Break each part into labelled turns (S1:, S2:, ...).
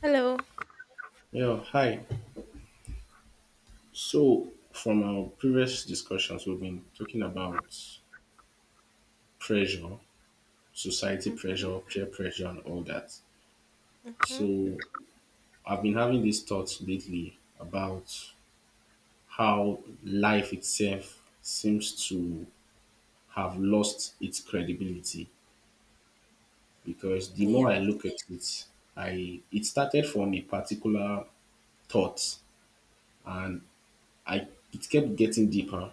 S1: Hello.
S2: Yeah, hi. So, from our previous discussions, we've been talking about pressure, society
S1: Mm-hmm.
S2: pressure, peer pressure, and all that.
S1: Mm-hmm.
S2: So, I've been having these thoughts lately about how life itself seems to have lost its credibility because the more I
S1: Yes.
S2: look at it, I it started from a particular thought and I it kept getting deeper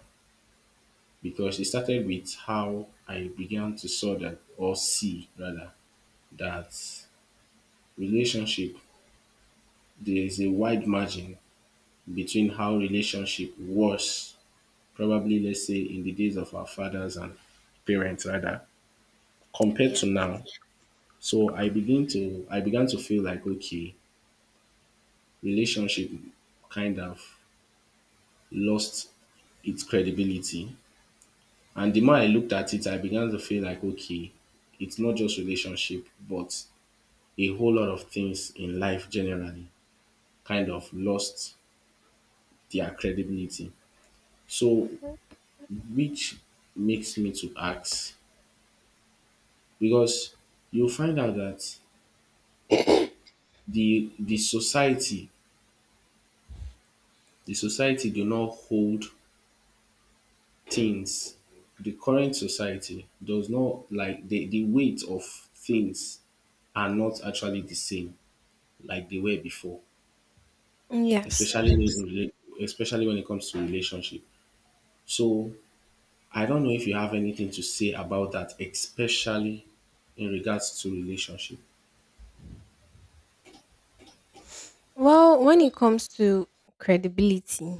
S2: because it started with how I began to saw that or see rather that relationship there is a wide margin between how relationship was probably, let's say, in the days of our fathers and parents rather compared to
S1: Yes.
S2: now. So I began to feel like, okay, relationship kind of lost its credibility. And the more I looked at it, I began to feel like, okay, it's not just relationship, but a whole lot of things in life generally kind of lost their credibility. So, which makes me to ask because you find out that
S1: Mm-hmm.
S2: the society, the society do not hold things. The current society does not like the weight of things are not actually the same like they were before,
S1: Yes.
S2: especially especially when it comes to relationship. So I don't know if you have anything to say about that, especially in regards to relationship.
S1: Well, when it comes to credibility,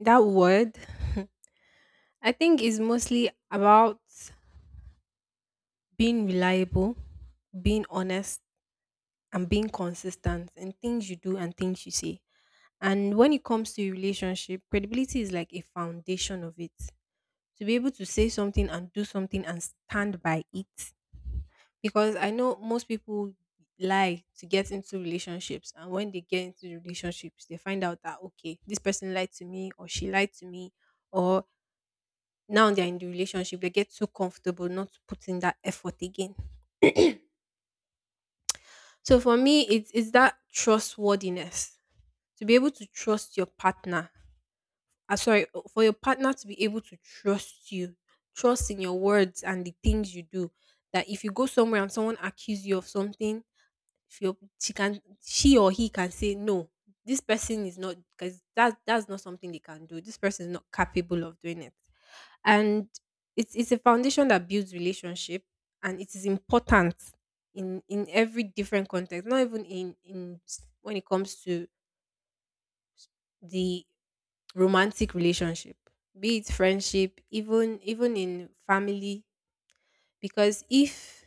S1: that word, I think, is mostly about being reliable, being honest, and being consistent in things you do and things you say. And when it comes to your relationship, credibility is like a foundation of it. To be able to say something and do something and stand by it, because I know most people lie to get into relationships, and when they get into relationships, they find out that okay, this person lied to me, or she lied to me, or now they're in the relationship, they get so comfortable not to put in that effort again. So for me, it's that trustworthiness to be able to trust your partner. Sorry, for your partner to be able to trust you, trust in your words and the things you do. That if you go somewhere and someone accuse you of something, if your she can she or he can say no, this person is not, because that's not something they can do, this person is not capable of doing it. And it's a foundation that builds relationship, and it is important in every different context, not even when it comes to the romantic relationship, be it friendship, even in family. Because if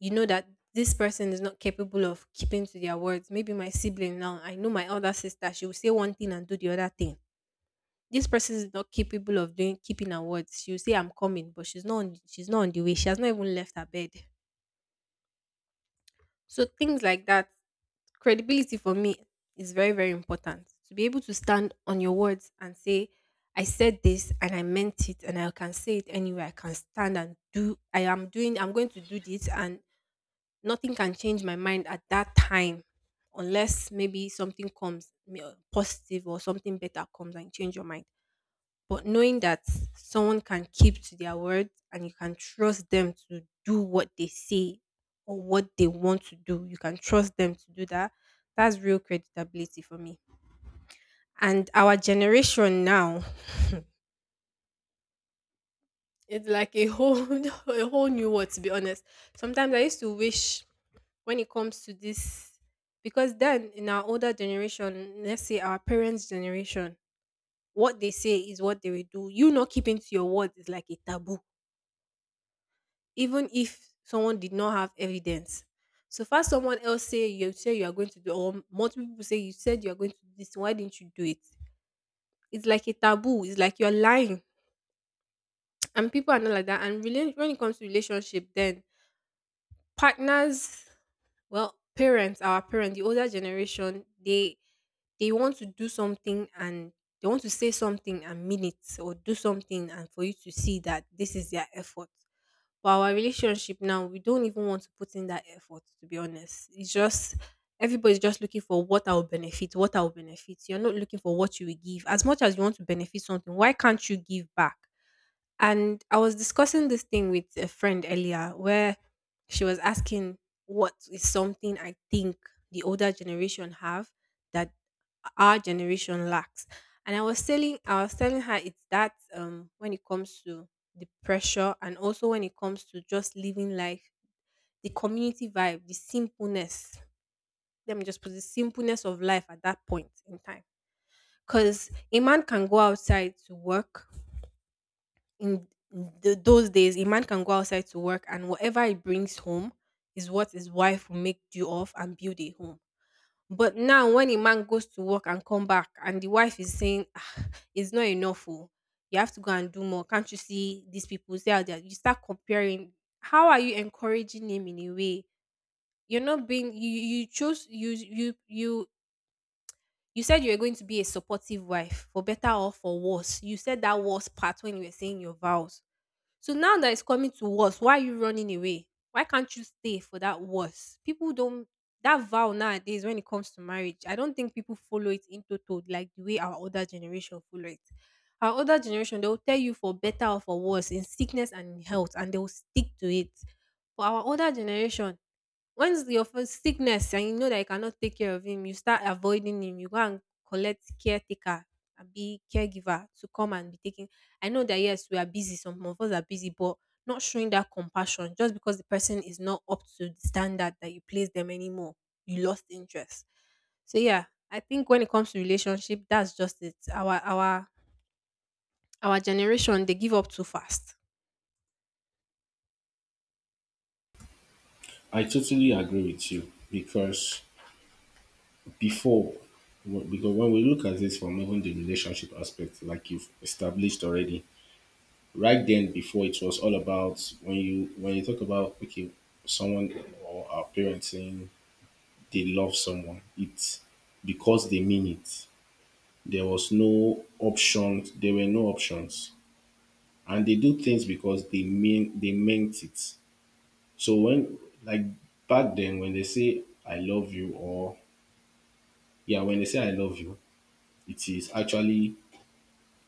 S1: you know that this person is not capable of keeping to their words, maybe my sibling now, I know my older sister, she will say one thing and do the other thing. This person is not capable of doing keeping her words. She'll say I'm coming, but she's not on the way. She has not even left her bed. So things like that, credibility for me is very, very important. To be able to stand on your words and say, I said this and I meant it and I can say it anywhere. I can stand and do I am doing I'm going to do this, and nothing can change my mind at that time, unless maybe something comes positive or something better comes and change your mind. But knowing that someone can keep to their word, and you can trust them to do what they say or what they want to do, you can trust them to do that, that's real creditability for me. And our generation now, it's like a whole a whole new world, to be honest. Sometimes I used to wish, when it comes to this, because then in our older generation, let's say our parents' generation, what they say is what they will do. You not keeping to your word is like a taboo. Even if someone did not have evidence, so far someone else say you are going to do, or multiple people say you said you are going to do this, why didn't you do it? It's like a taboo, it's like you're lying. And people are not like that. And when it comes to relationship then, partners. Well, parents, our parents, the older generation, they want to do something, and they want to say something and mean it, or do something, and for you to see that this is their effort. For our relationship now, we don't even want to put in that effort, to be honest. It's just everybody's just looking for what I will benefit, what I will benefit. You're not looking for what you will give. As much as you want to benefit something, why can't you give back? And I was discussing this thing with a friend earlier, where she was asking what is something I think the older generation have that our generation lacks. And I was telling her it's that when it comes to the pressure, and also when it comes to just living life, the community vibe, the simpleness. Let me just put the simpleness of life at that point in time. Because a man can go outside to work in those days, a man can go outside to work, and whatever he brings home is what his wife will make do of and build a home. But now when a man goes to work and come back and the wife is saying, "Ah, it's not enough. Oh. You have to go and do more. Can't you see these people? See how they are-" you start comparing. How are you encouraging him in a way? You're not being you you you chose you said you were going to be a supportive wife for better or for worse. You said that worse part when you were saying your vows. So now that it's coming to worse, why are you running away? Why can't you stay for that worse? People don't, that vow nowadays when it comes to marriage, I don't think people follow it in total like the way our older generation follow it. Our older generation, they will tell you for better or for worse, in sickness and in health, and they will stick to it. For our older generation, once your first sickness and you know that you cannot take care of him, you start avoiding him. You go and collect caretaker and be caregiver to come and be taking. I know that yes, we are busy. Some of us are busy, but not showing that compassion just because the person is not up to the standard that you place them anymore. You lost interest. So yeah, I think when it comes to relationship, that's just it. Our generation, they give up too fast.
S2: I totally agree with you because before, because when we look at this from even the relationship aspect, like you've established already, right, then before it was all about when you talk about, okay, someone or our parents saying they love someone, it's because they mean it. There was no options. There were no options and they do things because they meant it. So when, like, back then when they say I love you or, yeah, when they say I love you, it is actually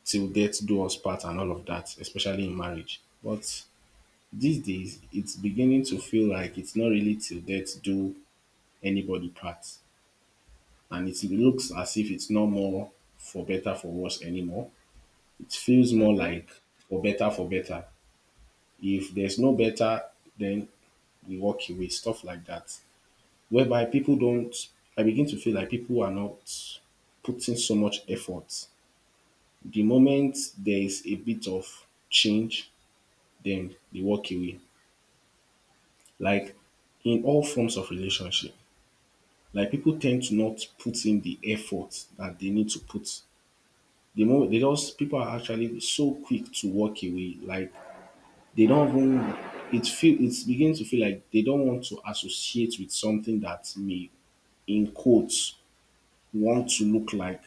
S2: till death do us part and all of that, especially in marriage. But these days it's beginning to feel like it's not really till death do anybody part. And it looks as if it's no more for better for worse anymore. It feels more
S1: Mhm.
S2: like for better for better. If there's no better, then we walk away, stuff like that. Whereby people don't, I begin to feel like people are not putting so much effort. The moment there is a bit of change, then they walk away. Like, in all forms of relationship, like, people tend to not put in the effort that they need to put. The moment they just people are actually so quick to walk away, like, they don't even it's beginning to feel like they don't want to associate with something that may, in quotes, want to look like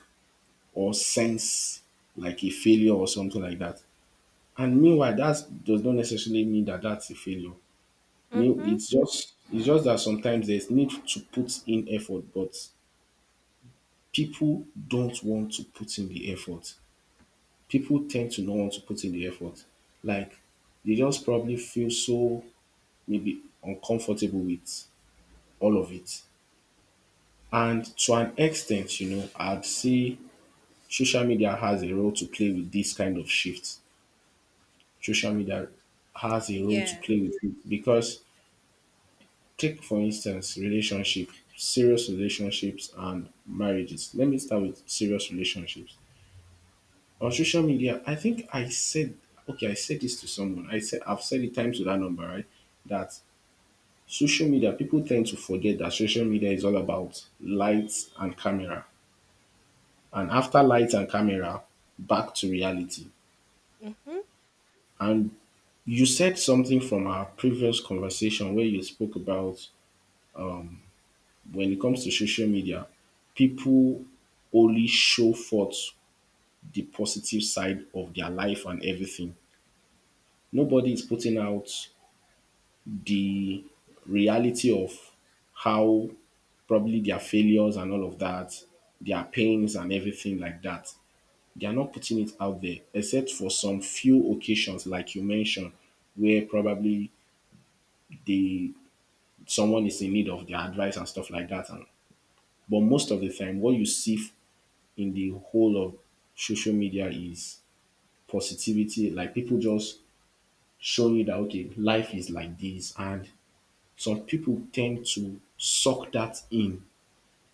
S2: or sense like a failure or something like that, and meanwhile that does not necessarily mean that that's a failure.
S1: Mhm.
S2: It's just, that sometimes there's need to put in effort, but people don't want to put in the effort, people tend to not want to put in the effort, like, they just probably feel so maybe uncomfortable with all of it. And to an extent, you know, I'd say social media has a role to play with this kind of shift. Social media has a role to
S1: Yeah.
S2: play with it because, take for instance relationship, serious relationships and marriages. Let me start with serious relationships. On social media, I think I said, okay, I said this to someone. I said I've said it times to that number, right? That social media, people tend to forget that social media is all about lights and camera. And after lights and camera, back to reality.
S1: Mhm.
S2: And you said something from our previous conversation where you spoke about, when it comes to social media, people only show forth the positive side of their life and everything. Nobody is putting out the reality of how probably their failures and all of that, their pains and everything like that. They are not putting it out there, except for some few occasions, like you mentioned, where probably the someone is in need of their advice and stuff like that. And but most of the time, what you see, in the whole of social media is positivity. Like, people just showing you that, okay, life is like this, and some people tend to suck that in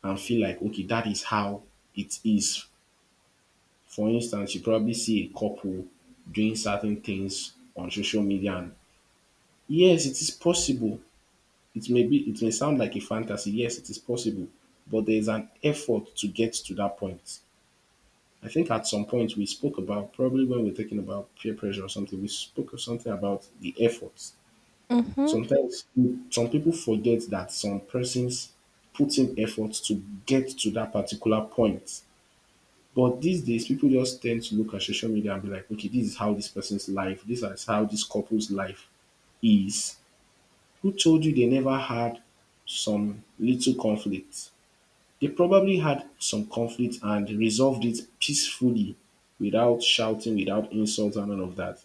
S2: and feel like, okay, that is how it is. For instance, you probably see a couple doing certain things on social media and, yes, it is possible. It may sound like a fantasy. Yes, it is possible, but there is an effort to get to that point. I think at some point we spoke about, probably when we're talking about peer pressure or something, we spoke of something about the efforts.
S1: Mm-hmm.
S2: Sometimes some people forget that some persons put in efforts to get to that particular point. But these days, people just tend to look at social media and be like, okay, this is how this person's life, this is how this couple's life is. Who told you they never had some little conflict? They probably had some conflict and resolved it peacefully without shouting, without insults, and all of that.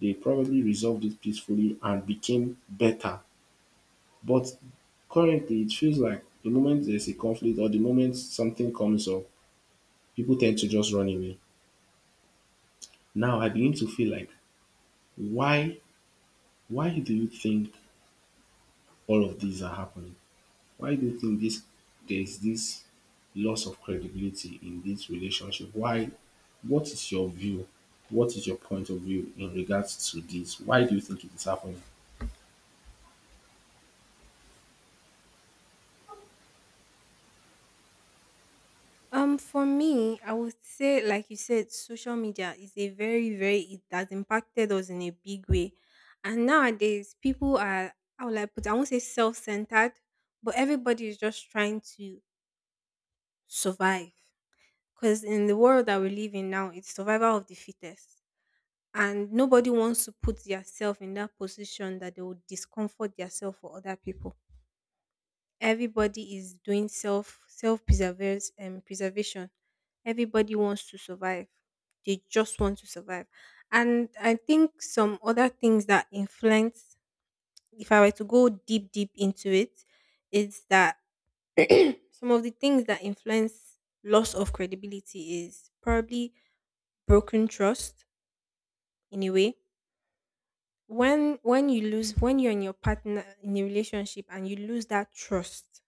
S2: They probably resolved it peacefully and became better. But currently, it feels like the moment there's a conflict or the moment something comes up, people tend to just run away. Now I begin to feel like, why, why do you think all of these are happening? Why do you think this, there's this loss of credibility in this relationship? Why? What is your view? What is your point of view in regards to this? Why do you think it is happening?
S1: For me, I would say, like you said, social media is a very, very, it has impacted us in a big way, and nowadays people are, how will I put it? I won't say self-centered, but everybody is just trying to survive. Because in the world that we live in now, it's survival of the fittest, and nobody wants to put yourself in that position that they would discomfort yourself for other people. Everybody is doing self preservation, preservation. Everybody wants to survive, they just want to survive. And I think some other things that influence, if I were to go deep into it, is that some of the things that influence loss of credibility is probably broken trust, in a way. When you lose when you're in your partner in a relationship and you lose that trust,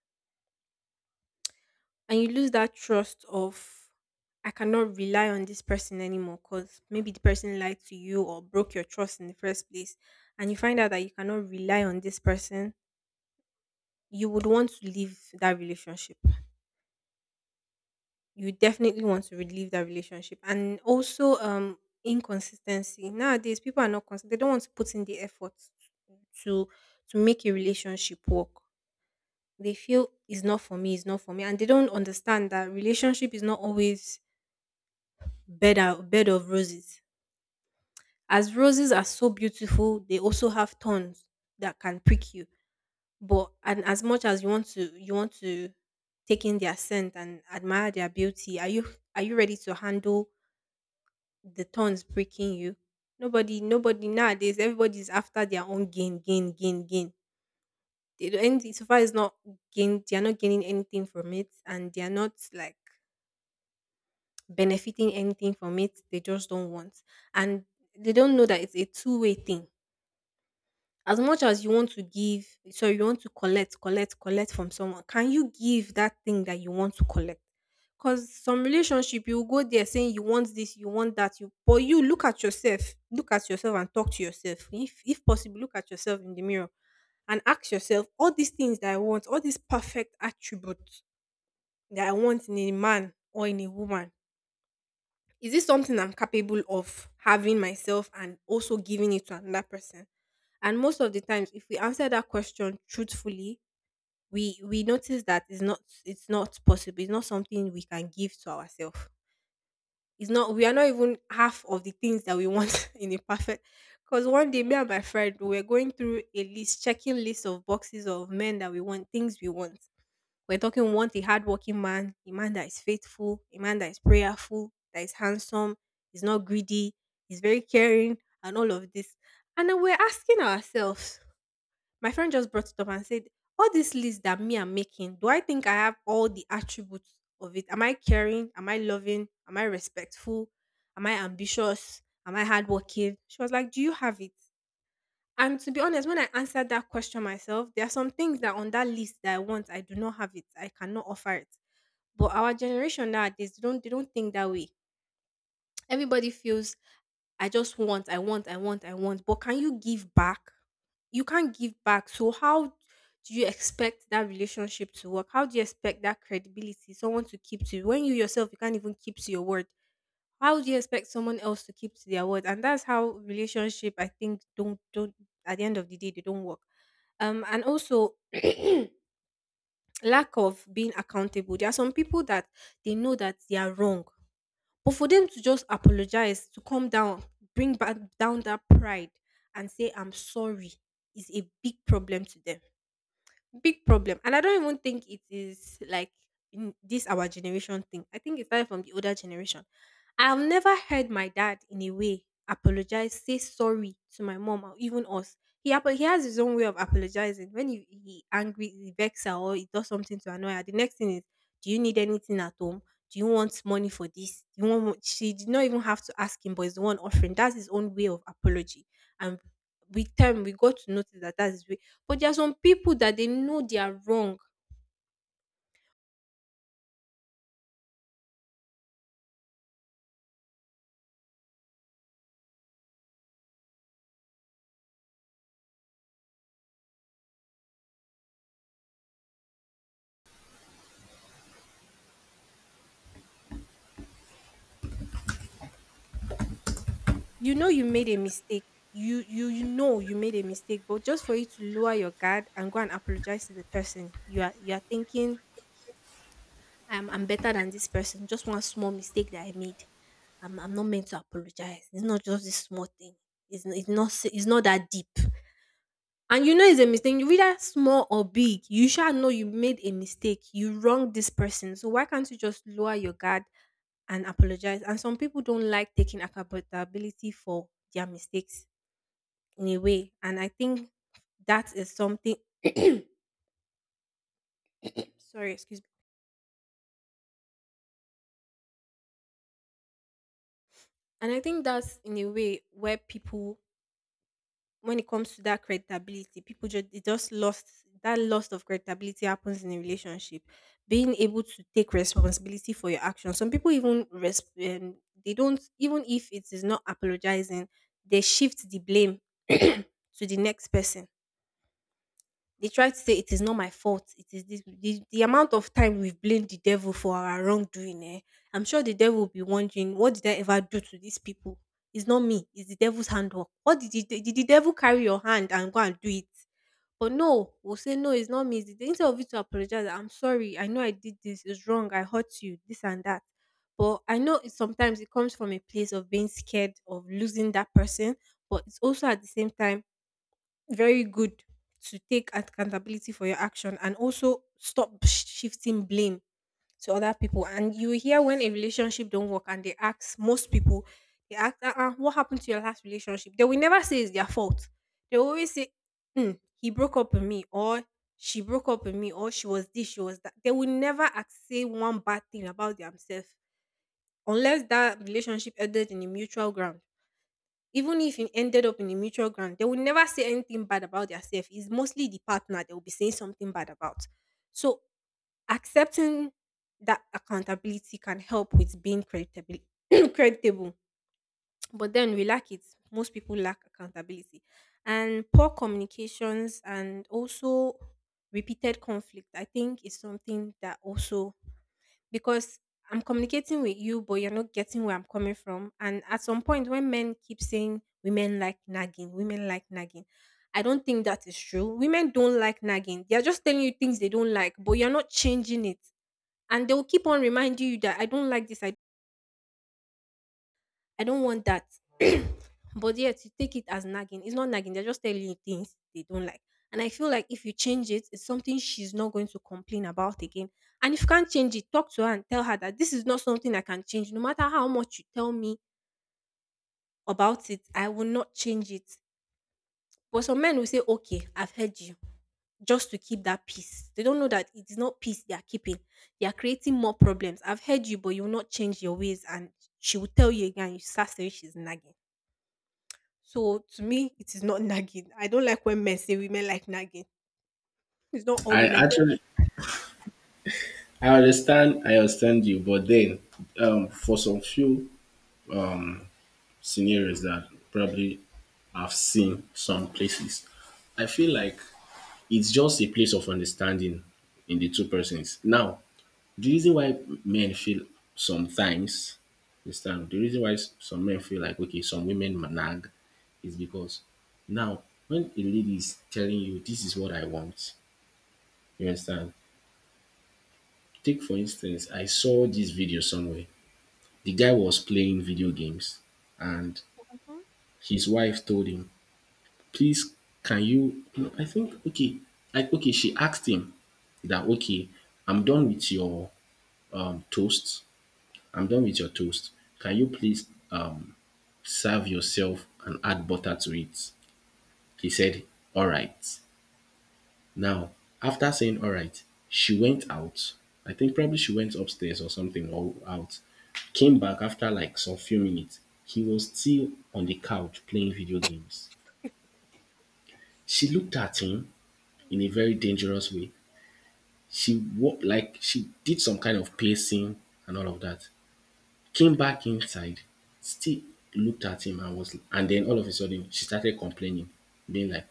S1: and you lose that trust of I cannot rely on this person anymore, because maybe the person lied to you or broke your trust in the first place, and you find out that you cannot rely on this person, you would want to leave that relationship. You definitely want to leave that relationship. And also, inconsistency. Nowadays, people are not consistent. They don't want to put in the effort to make a relationship work. They feel it's not for me, it's not for me, and they don't understand that relationship is not always bed of roses. As roses are so beautiful, they also have thorns that can prick you. But and as much as you want to take in their scent and admire their beauty. Are you ready to handle the thorns pricking you? Nobody, nobody nowadays. Everybody's after their own gain, gain, gain, gain. They don't, and so far is not gain. They are not gaining anything from it, and they are not like benefiting anything from it. They just don't want, and they don't know that it's a two-way thing. As much as you want to give, so you want to collect, collect, collect from someone, can you give that thing that you want to collect? Because some relationship you go there saying you want this, you want that, you, but you look at yourself, and talk to yourself, if possible look at yourself in the mirror and ask yourself, all these things that I want, all these perfect attributes that I want in a man or in a woman, is this something I'm capable of having myself and also giving it to another person? And most of the times, if we answer that question truthfully, we notice that it's not, it's not possible. It's not something we can give to ourselves. It's not, we are not even half of the things that we want in a perfect. Because one day me and my friend we were going through a list, checking list of boxes of men that we want, things we want. We're talking, we want a hardworking man, a man that is faithful, a man that is prayerful, that is handsome, is not greedy, is very caring, and all of this. And then we're asking ourselves, my friend just brought it up and said, "All this list that me I'm making, do I think I have all the attributes of it? Am I caring? Am I loving? Am I respectful? Am I ambitious? Am I hardworking?" She was like, "Do you have it?" And to be honest, when I answered that question myself, there are some things that on that list that I want, I do not have it. I cannot offer it. But our generation nowadays, they don't think that way. Everybody feels I want, I want, I want. But can you give back? You can't give back. So how do you expect that relationship to work? How do you expect that credibility someone to keep to you when you yourself you can't even keep to your word? How do you expect someone else to keep to their word? And that's how relationship I think don't at the end of the day they don't work. And also lack of being accountable. There are some people that they know that they are wrong, but for them to just apologize, to come down, bring back down that pride and say, "I'm sorry," is a big problem to them. Big problem. And I don't even think it is like in this our generation thing. I think it started from the older generation. I've never heard my dad in a way apologize, say sorry to my mom or even us. He has his own way of apologizing. When he angry, he vex her or he does something to annoy her. The next thing is, "Do you need anything at home? Do you want money for this? Do you want She did not even have to ask him, but he's the one offering. That's his own way of apology. And with time we got to notice that that's his way, but there are some people that they know they are wrong. You know you made a mistake. You know you made a mistake, but just for you to lower your guard and go and apologize to the person, you are thinking, I'm better than this person. Just one small mistake that I made. I'm not meant to apologize. It's not just this small thing. It's n- it's not s- It's not that deep." And you know it's a mistake. You Whether small or big, you shall know you made a mistake. You wronged this person. So why can't you just lower your guard and apologize? And some people don't like taking accountability for their mistakes in a way. And I think that is something sorry, excuse me. And I think that's in a way where people when it comes to that credibility, people just it just lost that loss of credibility happens in a relationship. Being able to take responsibility for your actions. Some people even they don't, even if it is not apologizing, they shift the blame to the next person. They try to say it is not my fault. It is this the amount of time we've blamed the devil for our wrongdoing. Eh? I'm sure the devil will be wondering, "What did I ever do to these people? It's not me. It's the devil's handwork." What did the devil carry your hand and go and do it? But no, we'll say no. It's not me. Instead of you to apologize, "I'm sorry. I know I did this. It's wrong. I hurt you. This and that." But I know it, sometimes it comes from a place of being scared of losing that person, but it's also at the same time very good to take accountability for your action and also stop shifting blame to other people. And you hear when a relationship don't work and they ask most people, they ask, uh-uh, "What happened to your last relationship?" They will never say it's their fault. They will always say, "Mm, he broke up with me or she broke up with me, or she was this, she was that." They will never ask, say one bad thing about themselves unless that relationship ended in a mutual ground. Even if you ended up in a mutual ground, they would never say anything bad about theirself. It's mostly the partner they will be saying something bad about. So accepting that accountability can help with being creditable. Creditable. But then we lack it. Most people lack accountability. And poor communications, and also repeated conflict, I think, is something that also, because I'm communicating with you, but you're not getting where I'm coming from. And at some point, when men keep saying women like nagging, I don't think that is true. Women don't like nagging. They're just telling you things they don't like, but you're not changing it. And they will keep on reminding you that I don't like this. I don't want that. But yet you take it as nagging. It's not nagging, they're just telling you things they don't like. And I feel like if you change it, it's something she's not going to complain about again. And if you can't change it, talk to her and tell her that this is not something I can change. No matter how much you tell me about it, I will not change it. But some men will say, "Okay, I've heard you," just to keep that peace. They don't know that it is not peace they are keeping. They are creating more problems. "I've heard you," but you will not change your ways. And she will tell you again, you start saying she's nagging. So to me, it is not nagging. I don't like when men say women like nagging. It's not all
S2: I
S1: women.
S2: actually, I understand you, but then, for some few um, scenarios that probably I've seen some places, I feel like it's just a place of understanding in the two persons. Now, the reason why men feel sometimes, understand the reason why some men feel like, okay, some women nag is because, now, when a lady is telling you this is what I want, you understand, take for instance, I saw this video somewhere, the guy was playing video games and
S1: Mhm.
S2: his wife told him, please, can you, no, I think, okay, like, okay, she asked him that, okay, I'm done with your um toast I'm done with your toast, can you please, serve yourself and add butter to it. He said, "All right." Now, after saying, "All right," she went out. I think probably she went upstairs or something or out. Came back after like some few minutes. He was still on the couch playing video games. She looked at him in a very dangerous way. She walked, like, she did some kind of pacing and all of that, came back inside, still looked at him and was, and then all of a sudden she started complaining, being like,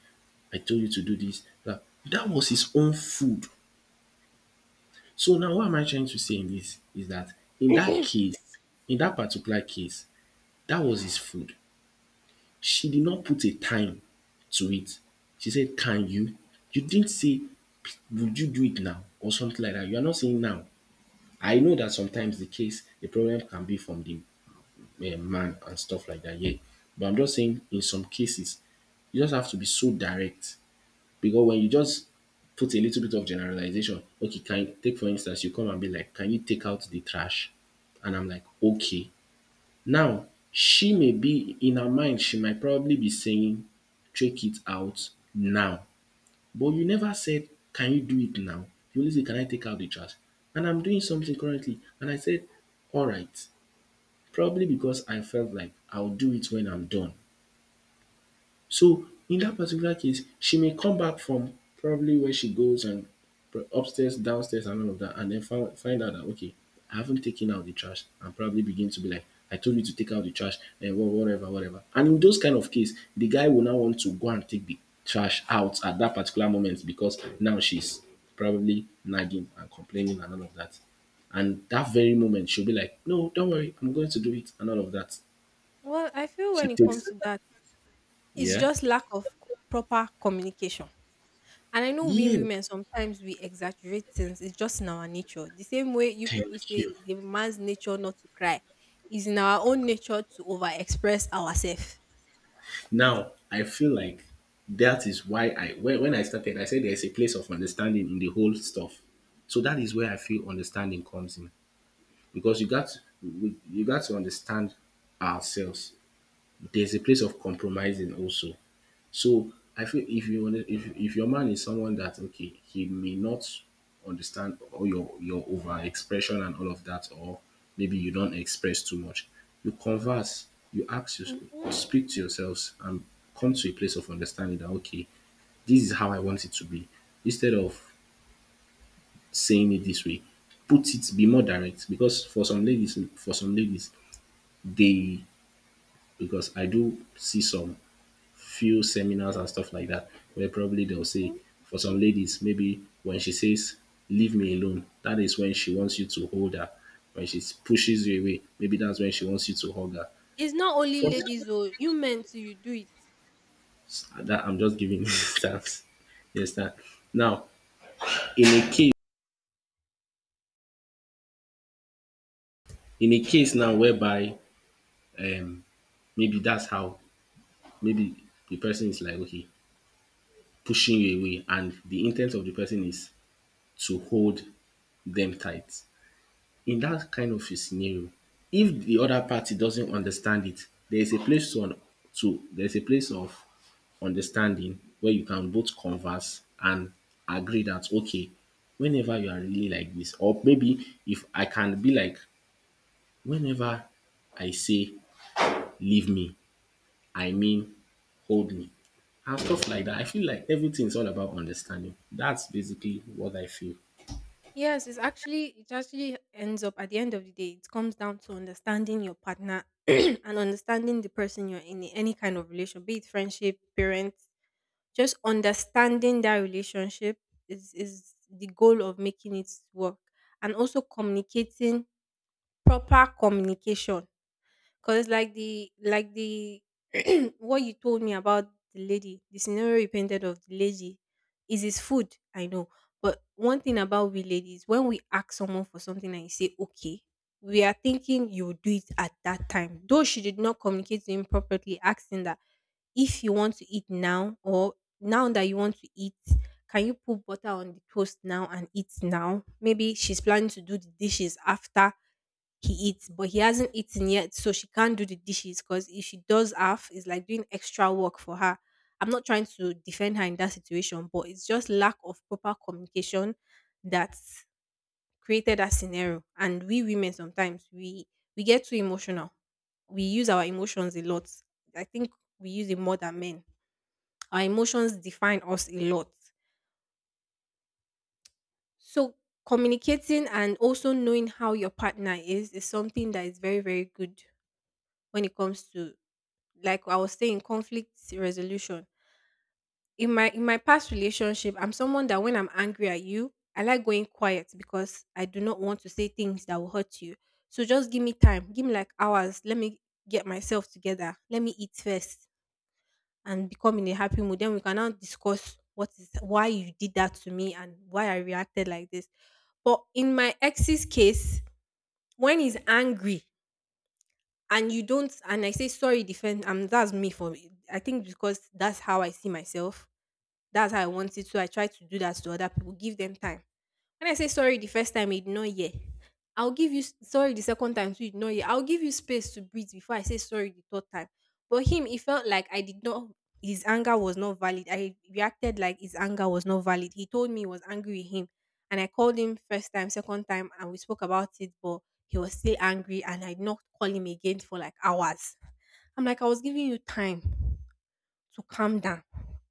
S2: "I told you to do this." That, that was his own food. So now what am I trying to say in this is that in that case, in that particular case, that was his food. She did not put a time to it. She said, "Can you?" You didn't say would you do it now or something like that. You are not saying now. I know that sometimes the case, the problem can be from the, man and stuff like that, yeah. But I'm just saying in some cases, you just have to be so direct because when you just put a little bit of generalization, okay, can you, take for instance, you come and be like, "Can you take out the trash?" And I'm like, "Okay." Now, she may be in her mind, she might probably be saying, take it out now. But you never said, can you do it now? You only say, can I take out the trash? And I'm doing something currently. And I said, "All right," probably because I felt like I'll do it when I'm done. So in that particular case, she may come back from probably where she goes and upstairs, downstairs, and all of that, and then find, find out that, okay, I haven't taken out the trash, and probably begin to be like, "I told you to take out the trash," and whatever, whatever. And in those kind of case, the guy will now want to go and take the trash out at that particular moment because now she's probably nagging and complaining and all of that. And that very moment, she'll be like, "No, don't worry, I'm going to do it," and all of that.
S1: Well, I feel
S2: She
S1: when it
S2: takes,
S1: comes to that, it's
S2: yeah.
S1: just lack of proper communication. And I know we
S2: Yeah.
S1: women sometimes we exaggerate things. It's just in our nature. The same way you people
S2: Thank
S1: say
S2: you.
S1: it's a man's nature not to cry, it's in our own nature to overexpress ourselves.
S2: Now I feel like that is why I, when I started, I said there's a place of understanding in the whole stuff. So that is where I feel understanding comes in. Because you got, you got to understand ourselves. There's a place of compromising also. So I feel, if your man is someone that, okay, he may not understand all your overexpression and all of that, or maybe you don't express too much, you converse, you ask, you speak to yourselves, and come to a place of understanding that, okay, this is how I want it to be. Instead of saying it this way, put it, be more direct, because for some ladies, they, because I do see some few seminars and stuff like that, where probably they'll say,
S1: Mhm.
S2: for some ladies, maybe when she says, "Leave me alone," that is when she wants you to hold her. When she pushes you away, maybe that's when she wants you to hug her.
S1: It's not only
S2: For
S1: ladies though. You men too, you do it.
S2: that, I'm just giving examples. Yes, that. Now, in a case, in a case now whereby, um, maybe that's how, maybe the person is like, okay, pushing you away, and the intent of the person is to hold them tight, in that kind of a scenario, if the other party doesn't understand it, there is a place to, there is a place of understanding where you can both converse and agree that, okay, whenever you are really like this, or maybe if I can be like, whenever I say leave me, I mean hold me, and stuff like that. I feel like everything is all about understanding. That's basically what I feel.
S1: Yes, it actually ends up at the end of the day, it comes down to understanding your partner and understanding the person you're in any kind of relation, be it friendship, parent, just understanding that relationship is the goal of making it work. And also communicating, proper communication. Cause like the what you told me about the lady, the scenario you painted of the lady is his food. I know, but one thing about we ladies, when we ask someone for something and you say okay, we are thinking you will do it at that time. Though she did not communicate to him properly, asking that if you want to eat now, or now that you want to eat, can you put butter on the toast now and eat now? Maybe she's planning to do the dishes after he eats, but he hasn't eaten yet, so she can't do the dishes because if she does half, it's like doing extra work for her. I'm not trying to defend her in that situation, but it's just lack of proper communication that created that scenario. And we women sometimes we get too emotional. We use our emotions a lot. I think we use it more than men. Our emotions define us a lot. So communicating and also knowing how your partner is something that is very, very good when it comes to, like I was saying, conflict resolution. In my past relationship, I'm someone that when I'm angry at you, I like going quiet because I do not want to say things that will hurt you. So just give me time. Give me like hours. Let me get myself together. Let me eat first and become in a happy mood. Then we can now discuss what is why you did that to me and why I reacted like this. But in my ex's case, when he's angry, and you don't and I say sorry defend and that's me for me. I think because that's how I see myself, that's how I want it, so I try to do that to other people, give them time. When I say sorry the first time, you did not hear. I'll give you sorry the second time, so you did not hear. I'll give you space to breathe before I say sorry the third time. But him, it felt like I did not. His anger was not valid. I reacted like his anger was not valid. He told me he was angry with him, and I called him first time, second time, and we spoke about it. But he was still angry, and I did not call him again for like hours. I'm like, I was giving you time to calm down.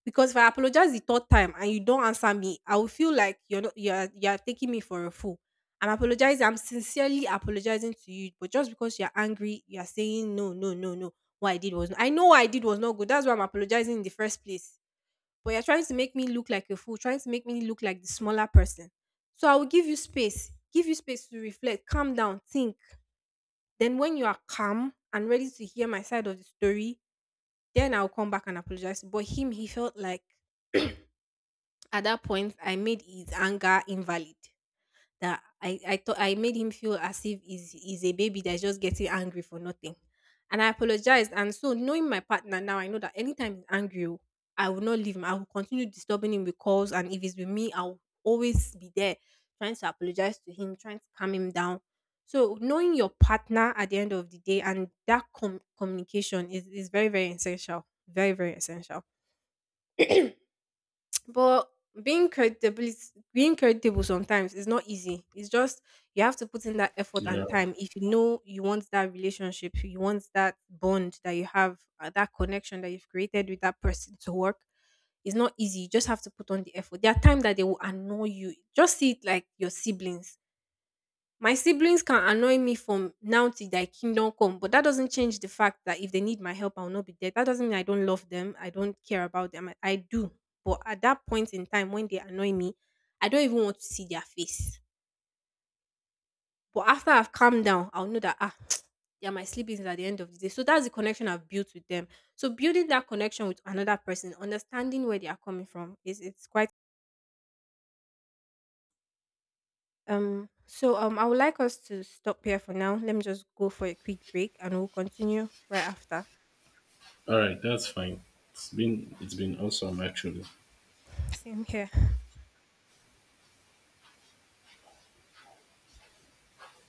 S1: Because if I apologize the third time and you don't answer me, I will feel like you're not you're you're taking me for a fool. I'm apologizing, I'm sincerely apologizing to you, but just because you're angry, you're saying no, no, no, no. What I did was, I know what I did was not good. That's why I'm apologizing in the first place. But you're trying to make me look like a fool, trying to make me look like the smaller person. So I will give you space to reflect, calm down, think. Then when you are calm and ready to hear my side of the story, then I'll come back and apologize. But him, he felt like at that point I made his anger invalid. That I thought I made him feel as if he's a baby that's just getting angry for nothing. And I apologized. And so knowing my partner now, I know that anytime he's angry, oh, I will not leave him. I will continue disturbing him with calls. And if it's with me, I'll always be there trying to apologize to him, trying to calm him down. So knowing your partner at the end of the day and that communication is very, very essential. Very, very essential. But being credible being credible sometimes is not easy. It's just you have to put in that effort
S2: Yeah.
S1: and time if you know you want that relationship, you want that bond that you have, that connection that you've created with that person to work. It's not easy. You just have to put on the effort. There are times that they will annoy you. Just see it like your siblings, my siblings can annoy me from now till thy kingdom come, but that doesn't change the fact that if they need my help, I will not be there. That doesn't mean I don't love them. I don't care about them. I do. But at that point in time, when they annoy me, I don't even want to see their face. But after I've calmed down, I'll know that, ah, they are my siblings at the end of the day. So that's the connection I've built with them. So building that connection with another person, understanding where they are coming from, is it's quite I would like us to stop here for now. Let me just go for a quick break, and we'll continue right after.
S2: All right, that's fine. It's been awesome actually.
S1: Same here.